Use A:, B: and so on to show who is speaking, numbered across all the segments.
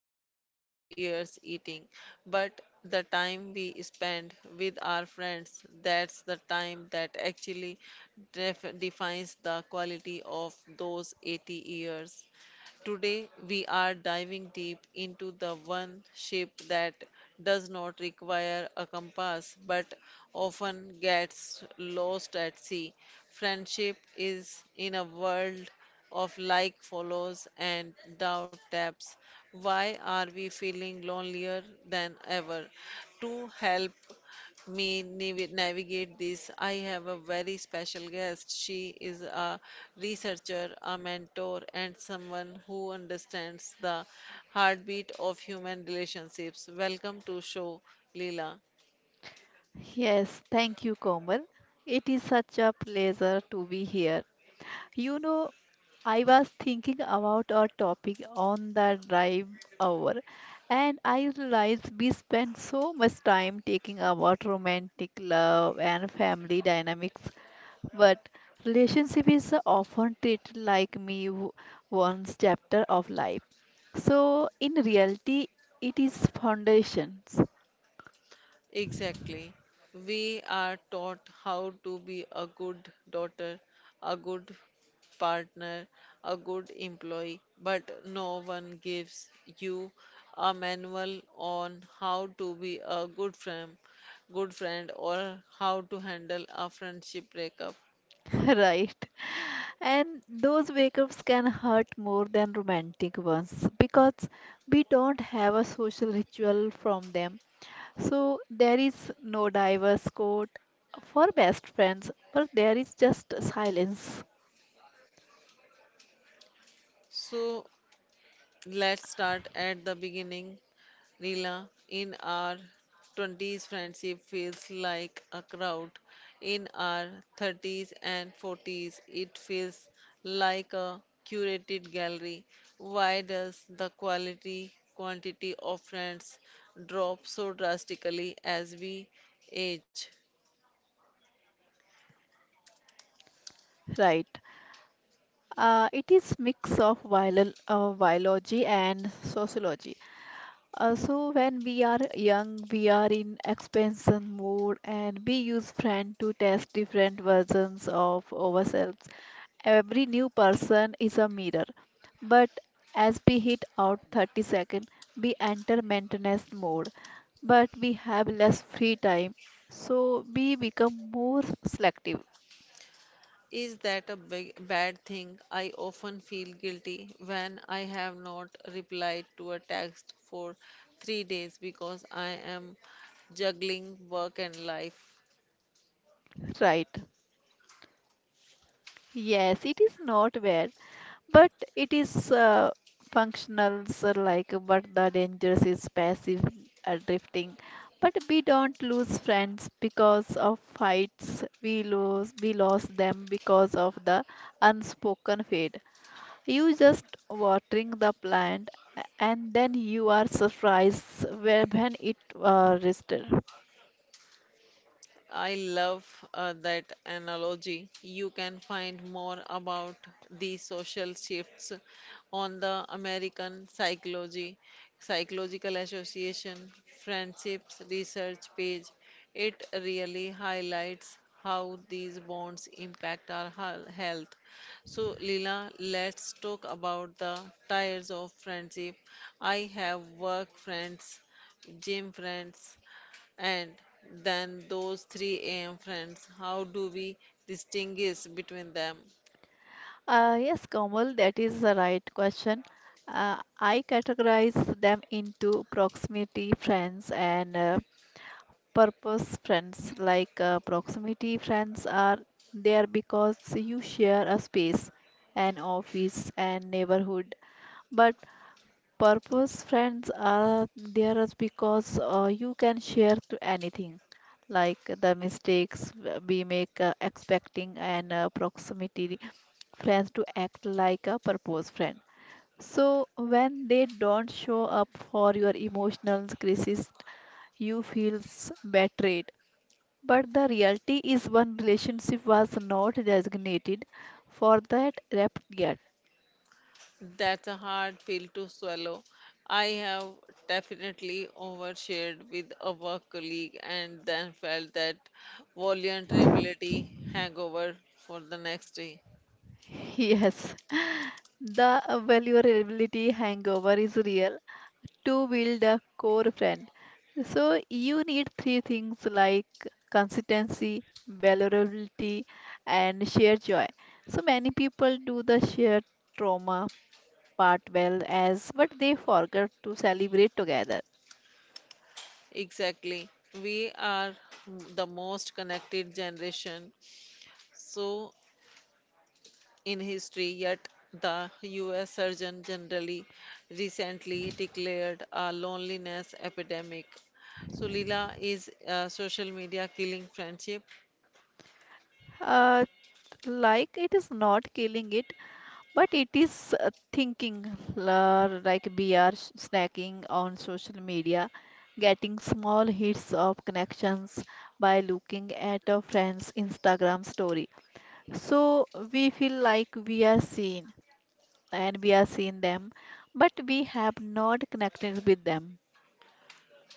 A: maybe 5 years eating. But the time we spend with our friends, that's the time that actually defines the quality of those 80 years. Today, we are diving deep into the one shape that does not require a compass but often gets lost at sea. Friendship is in a world of like, follows, and doubt taps. Why are we feeling lonelier than ever? To help me navigate this, I have a very special guest. She is a researcher, a mentor, and someone who understands the heartbeat of human relationships. Welcome to show, Leela.
B: Yes, thank you, Komal. It is such a pleasure to be here. You know, I was thinking about our topic on the drive hour, and I realized we spend so much time talking about romantic love and family dynamics, but relationship is often treated like one's chapter of life. So, in reality, it is foundations,
A: Exactly. We are taught how to be a good daughter, a good partner, a good employee, but no one gives you a manual on how to be a good friend or how to handle a friendship breakup.
B: right? And those breakups can hurt more than romantic ones because we don't have a social ritual from them. So there is no diverse code for best friends, but there is just silence,
A: So let's start at the beginning. Leela, in our 20s, friendship feels like a crowd. In our 30s and 40s, it feels like a curated gallery. Why does the quality quantity of friends drop so drastically as we age?
B: right? It is mix of biology and sociology. So when we are young, we are in expansion mode, and we use friend to test different versions of ourselves. Every new person is a mirror. But as we hit out 30 second, we enter maintenance mode. But we have less free time, so we become more selective.
A: Is that a big, bad thing? I often feel guilty when I have not replied to a text for 3 days because I am juggling work and life.
B: Right. Yes, it is not bad, but it is functional, so like, but the dangerous is passive drifting. But we don't lose friends because of fights. We lost them because of the unspoken fate. You just watering the plant and then you are surprised when it rested.
A: I love that analogy. You can find more about the social shifts on the American Psychology Psychological Association Friendships Research page. It really highlights how these bonds impact our health. So, Leela, let's talk about the tires of friendship. I have work friends, gym friends, and then those 3 a.m. friends, how do we distinguish between them?
B: Yes, Komal, that is the right question. I categorize them into proximity friends and purpose friends. Like proximity friends are there because you share a space, an office, and neighborhood. But Purpose friends are there is because you can share to anything, like the mistakes we make expecting an proximity friends to act like a purpose friend. So when they don't show up for your emotional crisis, you feels betrayed. But the reality is one relationship was not designated for that rep yet.
A: That's a hard pill to swallow. I have definitely overshared with a work colleague and then felt that vulnerability hangover for the next day.
B: Yes, the vulnerability hangover is real to build a core friend. So you need three things like consistency, vulnerability, and shared joy. So many people do the shared trauma part well as but they forget to celebrate together.
A: Exactly. We are the most connected generation, so in history, yet the US Surgeon Generally recently declared a loneliness epidemic. So Leela, is social media killing friendship?
B: Uh, like it is not killing it, but it is thinking like we are snacking on social media, getting small hits of connections by looking at a friend's Instagram story. So we feel like we are seen and we are seeing them, but we have not connected with them.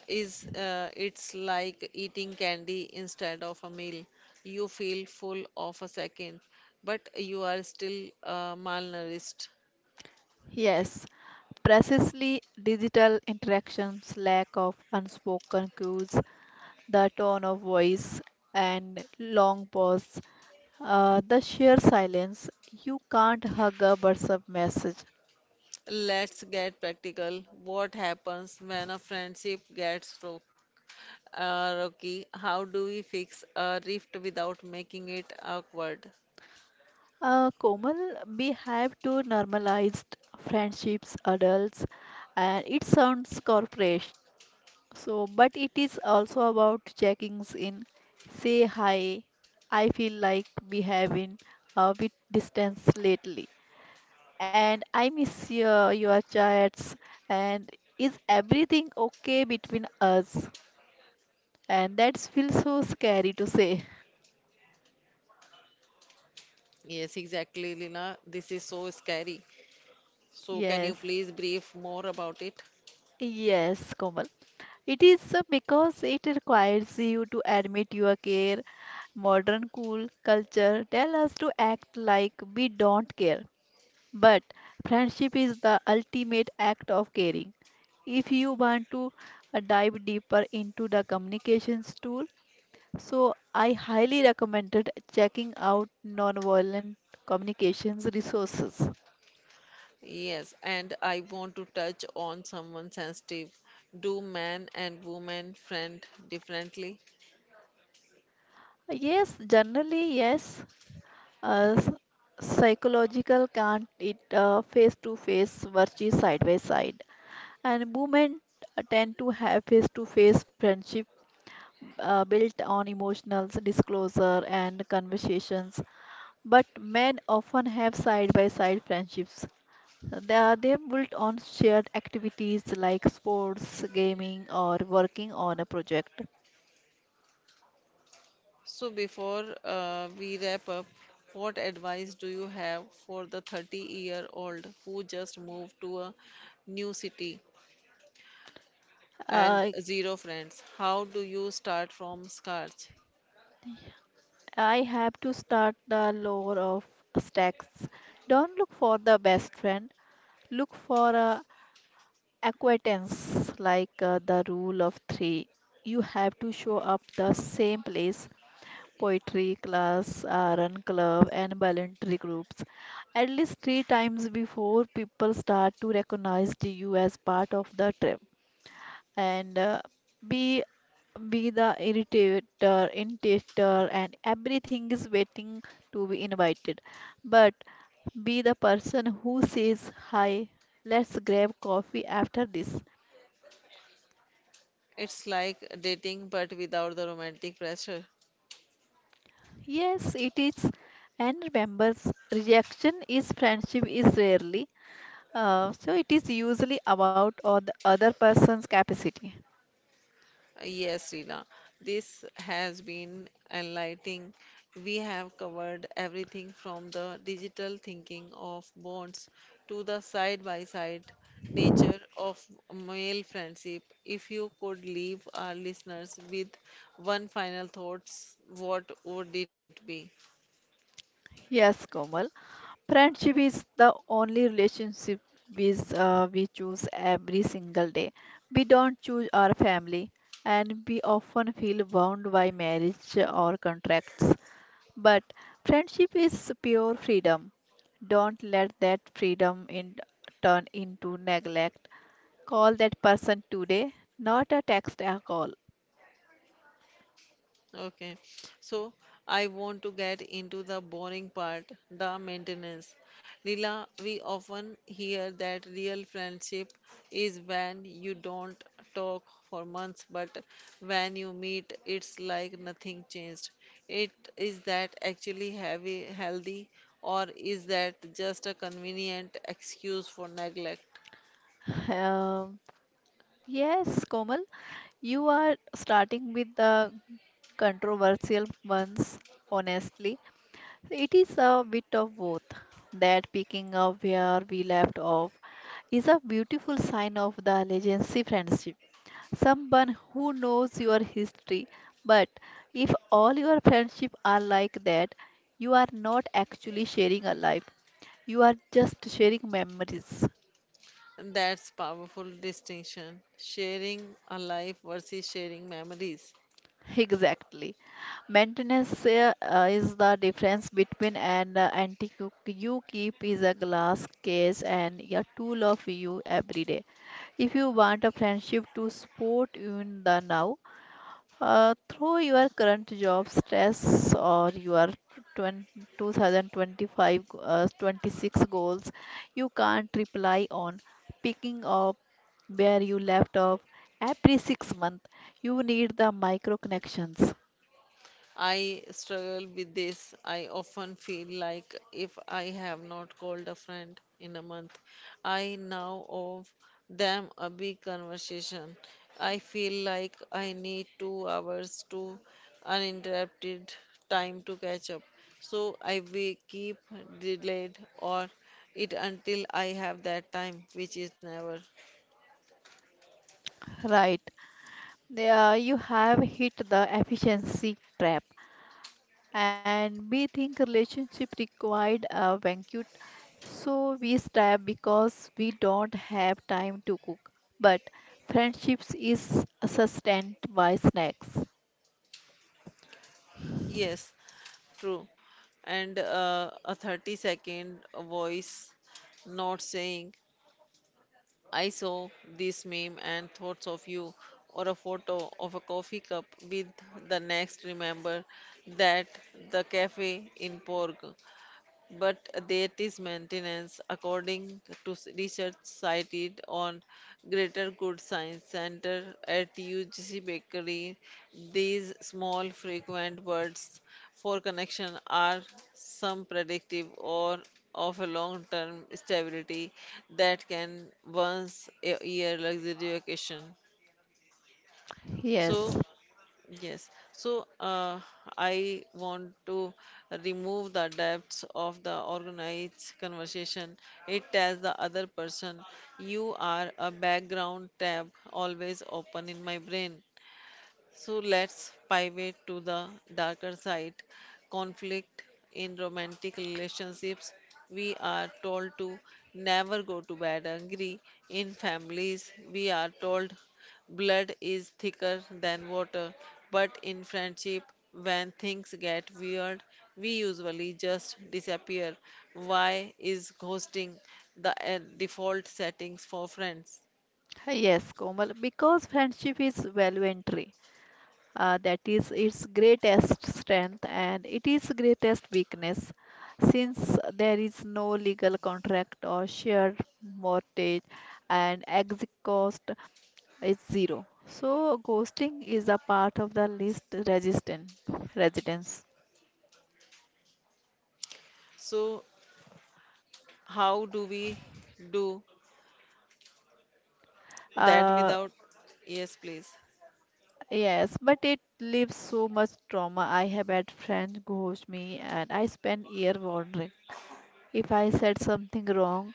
A: Is it's like eating candy instead of a meal. You feel full of a second, but you are still malnourished.
B: Yes, precisely digital interactions, lack of unspoken cues, the tone of voice, and long pause. The sheer silence. You can't hug a WhatsApp message.
A: Let's get practical. What happens when a friendship gets Rocky, how do we fix a rift without making it awkward?
B: Komal, we have to normalize friendships, adults, and it sounds corporate. So, but it is also about checking in. Say hi. I feel like we have been a bit distance lately, and I miss your chats. And is everything okay between us? And that feels so scary to say.
A: Yes, exactly, Lina. This is so scary. So, can you
B: Yes.
A: please brief more about it?
B: Yes, Komal. It is because it requires you to admit your care. Modern cool culture tell us to act like we don't care. But friendship is the ultimate act of caring. If you want to dive deeper into the communications tool, so I highly recommended checking out nonviolent communications resources.
A: Yes, and I want to touch on someone sensitive. Do man and woman friend differently?
B: Yes, generally, yes. Uh, s- Psychological can't it face to face versus side by side. And women tend to have face to face friendship built on emotional disclosure and conversations, but men often have side by side friendships. They built on shared activities like sports, gaming, or working on a project.
A: So, before we wrap up, what advice do you have for the 30-year-old who just moved to a new city and
B: Uh,
A: zero friends. How do you start from scratch?
B: I have to start the lore of stacks. Don't look for the best friend. Look for acquaintance like the rule of three. You have to show up the same place poetry class, run club, and voluntary groups at least three times before people start to recognize you as part of the trip. And be be the irritator, intimidator, and everything is waiting to be invited. But be the person who says, "Hi, let's grab coffee after this."
A: It's like dating but without the romantic pressure.
B: Yes, it is. And remember, rejection is friendship is rarely. So it is usually about or the other person's capacity.
A: Yes, Reena, this has been enlightening. We have covered everything from the digital thinking of bonds to the side by side nature of male friendship. If you could leave our listeners with one final thoughts, what would it be?
B: Yes, Komal. Friendship is the only relationship with we choose every single day. We don't choose our family, and we often feel bound by marriage or contracts. But friendship is pure freedom. Don't let that freedom in turn into neglect. Call that person today, not a text, a call.
A: Okay, so I want to get into the boring part, the maintenance. Leela, we often hear that real friendship is when you don't talk for months, but when you meet, it's like nothing changed. It is that actually heavy, healthy, or is that just a convenient excuse for neglect?
B: Um, yes, Komal, you are starting with the controversial ones, honestly. It is a bit of both. That picking up where we left off is a beautiful sign of the legacy friendship. Someone who knows your history, but if all your friendship are like that, you are not actually sharing a life. You are just sharing memories.
A: That's powerful distinction. Sharing a life versus sharing memories.
B: Exactly. Maintenance is the difference between an antique you keep is a glass case and a tool of you every day. If you want a friendship to support you in the now, through your current job stress or your 20, 2025 26 goals, you can't reply on picking up where you left off every 6 months. You need the micro connections.
A: I struggle with this. I often feel like if I have not called a friend in a month, I now owe them a big conversation. I feel like I need 2 hours to uninterrupted time to catch up. So I will keep delayed or it until I have that time, which is never.
B: Right. Yeah, you have hit the efficiency trap, and we think relationship required a banquet, so we stop because we don't have time to cook. But friendships is sustained by snacks.
A: Yes, true. And a 30-second voice not saying I saw this meme and thoughts of you, or a photo of a coffee cup with the next remember that the cafe in Porg but there is maintenance according to research cited on Greater Good Science Center at UGC Bakery. These small frequent words for connection are some predictive or of a long-term stability that can once a year luxury vacation. So
B: Yes,
A: yes, so I want to remove the depths of the organized conversation. It tells the other person, you are a background tab always open in my brain. So let's pivot to the darker side conflict in romantic relationships. We are told to never go to bed angry. In families, we are told blood is thicker than water. But in friendship, when things get weird, we usually just disappear. Why is ghosting the default settings for friends?
B: yes, Komal, because friendship is value entry. That is its greatest strength and it is greatest weakness, since there is no legal contract or shared mortgage and exit cost is zero, so ghosting is a part of the least resistant residence.
A: So, how do we do that
B: uh,
A: without yes please
B: yes but it leaves so much trauma. I have had friends ghost me and I spent year wondering if I said something wrong.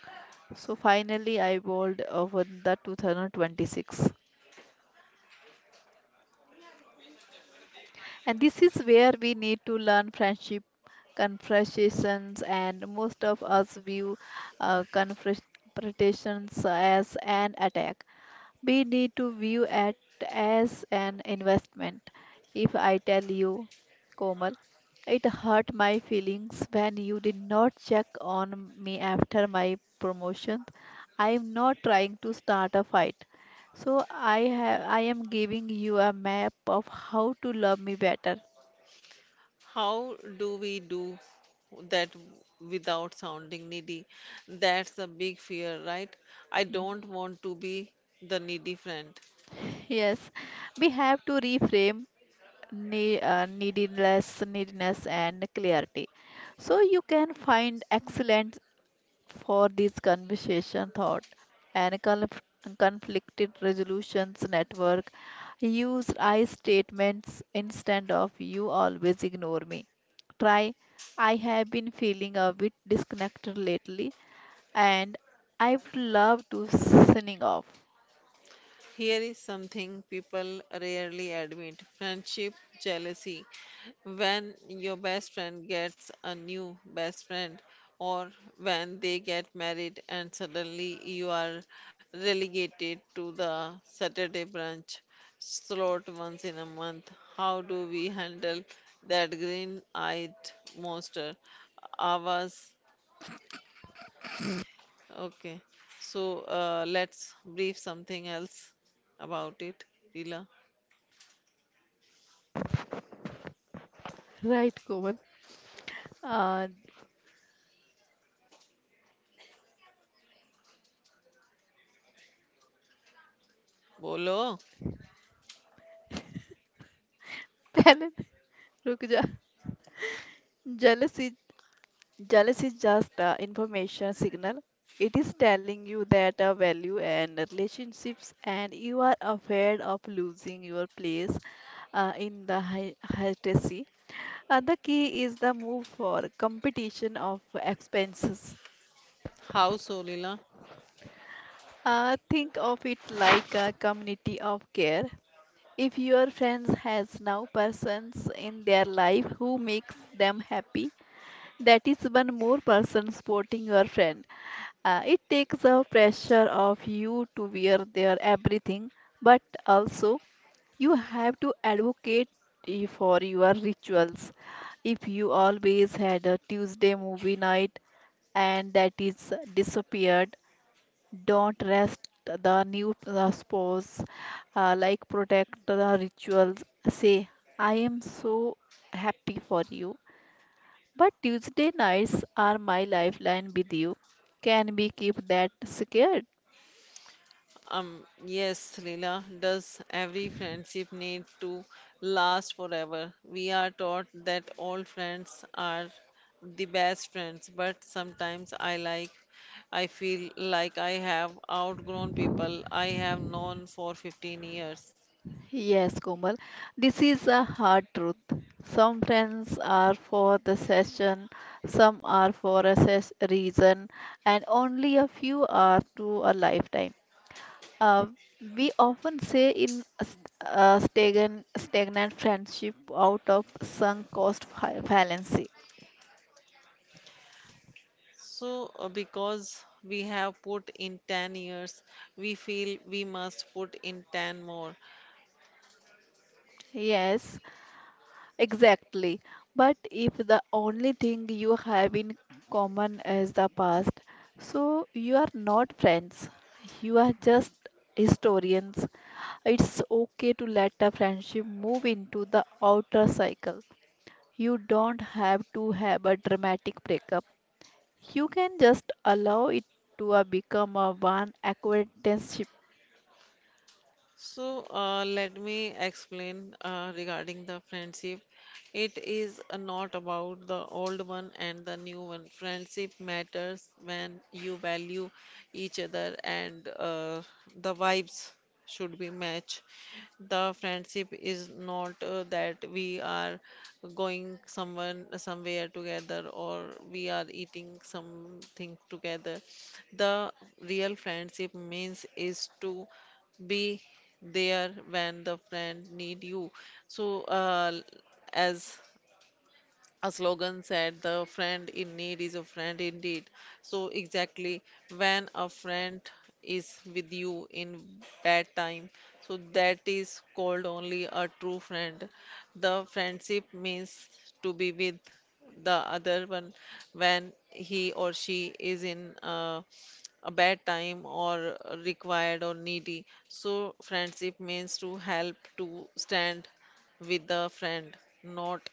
B: So finally, I bowled over the 2026. And this is where we need to learn friendship, confrontations, and most of us view confrontations as an attack. We need to view it as an investment. If I tell you, Komal, it hurt my feelings when you did not check on me after my promotion. I am not trying to start a fight. So I am giving you a map of how to love me better.
A: how do we do that without sounding needy that's a big fear right I
B: Mm.
A: don't want to be the needy friend
B: Yes, we have to reframe neediness and clarity. So you can find excellent for this conversation thought and conflicted resolutions network. Use I statements instead of "you always ignore me". Try "I have been feeling a bit disconnected lately, and I would love to signing off".
A: here is something people rarely admit friendship jealousy when your best friend gets a new best friend or when they get married and suddenly you are relegated to the Saturday brunch slot once in a month. How do we handle that green-eyed monster? Ours. Okay. So let's brief something else about it. Leela.
B: Right, Komal. uh,
A: Bolo.
B: पहले रुक जा jealousy. Jealous is just information signal. It is telling you that a value and relationships, and you are afraid of losing your place in the hierarchy. The key is the move for competition of expenses.
A: How so, Leela?
B: Think of it like a community of care. If your friends has now persons in their life who makes them happy, that is one more person supporting your friend. It takes the pressure off you to wear their everything, but also you have to advocate for your rituals. If you always had a Tuesday movie night and that is disappeared, don't rest the new spouse, like protect the rituals. Say, "I am so happy for you, but Tuesday nights are my lifeline with you. Can we keep that secure?"
A: Yes, Leela, does every friendship need to last forever? We are taught that all friends are the best friends, but sometimes I feel like I have outgrown people I have known for 15 years.
B: Yes, Komal. This is a hard truth. Some friends are for the session, some are for a reason, and only a few are to a lifetime. Uh, we often say in a stagnant friendship out of sunk cost fallacy.
A: So, because we have put in 10 years, we feel we must put in 10 more.
B: Yes, exactly. But if the only thing you have in common is the past, so you are not friends. You are just historians. It's okay to let a friendship move into the outer cycle. You don't have to have a dramatic breakup. You can just allow it to become a one acquaintanceship.
A: So, let me explain regarding the friendship. It is not about the old one and the new one. Friendship matters when you value each other, and the vibes should be match. The friendship is not that we are going someone somewhere together or we are eating something together. The real friendship means is to be there when the friend need you so as a slogan said, the friend in need is a friend indeed, so exactly when a friend is with you in bad time, so that is called only a true friend. The friendship means to be with the other one when he or she is in a bad time or required or needy, so friendship means to help to stand with the friend, not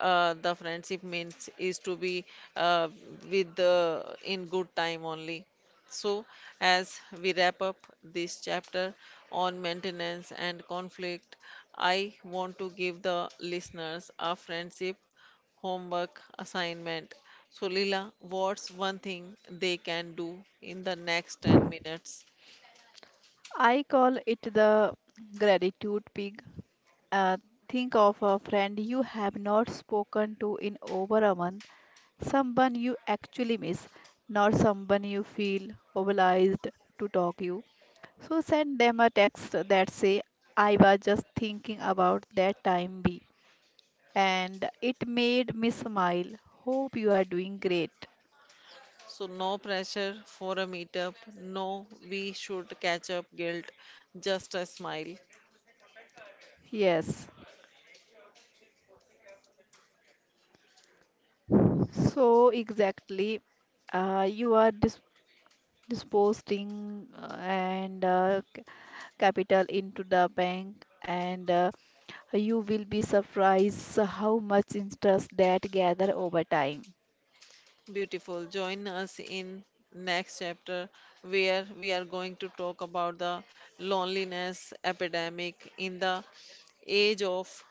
A: the friendship means is to be uh, with the in good time only. So as we wrap up this chapter on maintenance and conflict, I want to give the listeners a friendship homework assignment. So Lila, what's one thing they can do in the next 10 minutes,
B: I call it the gratitude pig. Uh, think of a friend you have not spoken to in over a month, someone you actually miss, not someone you feel obliged to talk you. So send them a text that say, "I was just thinking about that time B, and it made me smile. Hope you are doing great."
A: so no pressure for a meetup, no we should catch up guilt, just a smile.
B: Yes. So exactly, you are disposing and capital into the bank and you will be surprised how much interest that gather over time.
A: Beautiful. Join us in next chapter where we are going to talk about the loneliness epidemic in the age of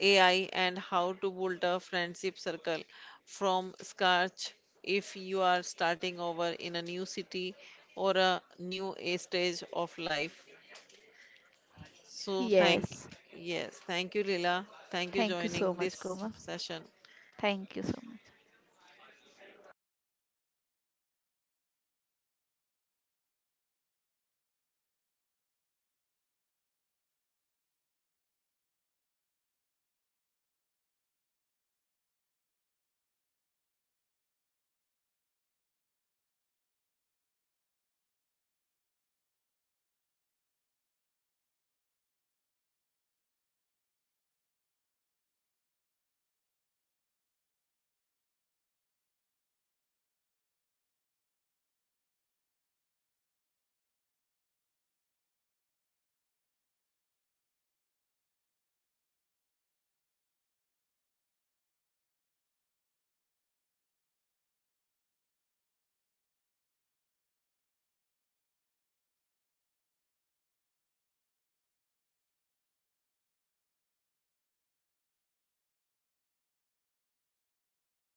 A: AI and how to build a friendship circle from scratch if you are starting over in a new city or a stage of life. So thank
B: Yes.
A: yes, thank you Lila. Thank you
B: Thank you so
A: joining
B: much,
A: this
B: Komal.
A: session.
B: Thank you so much.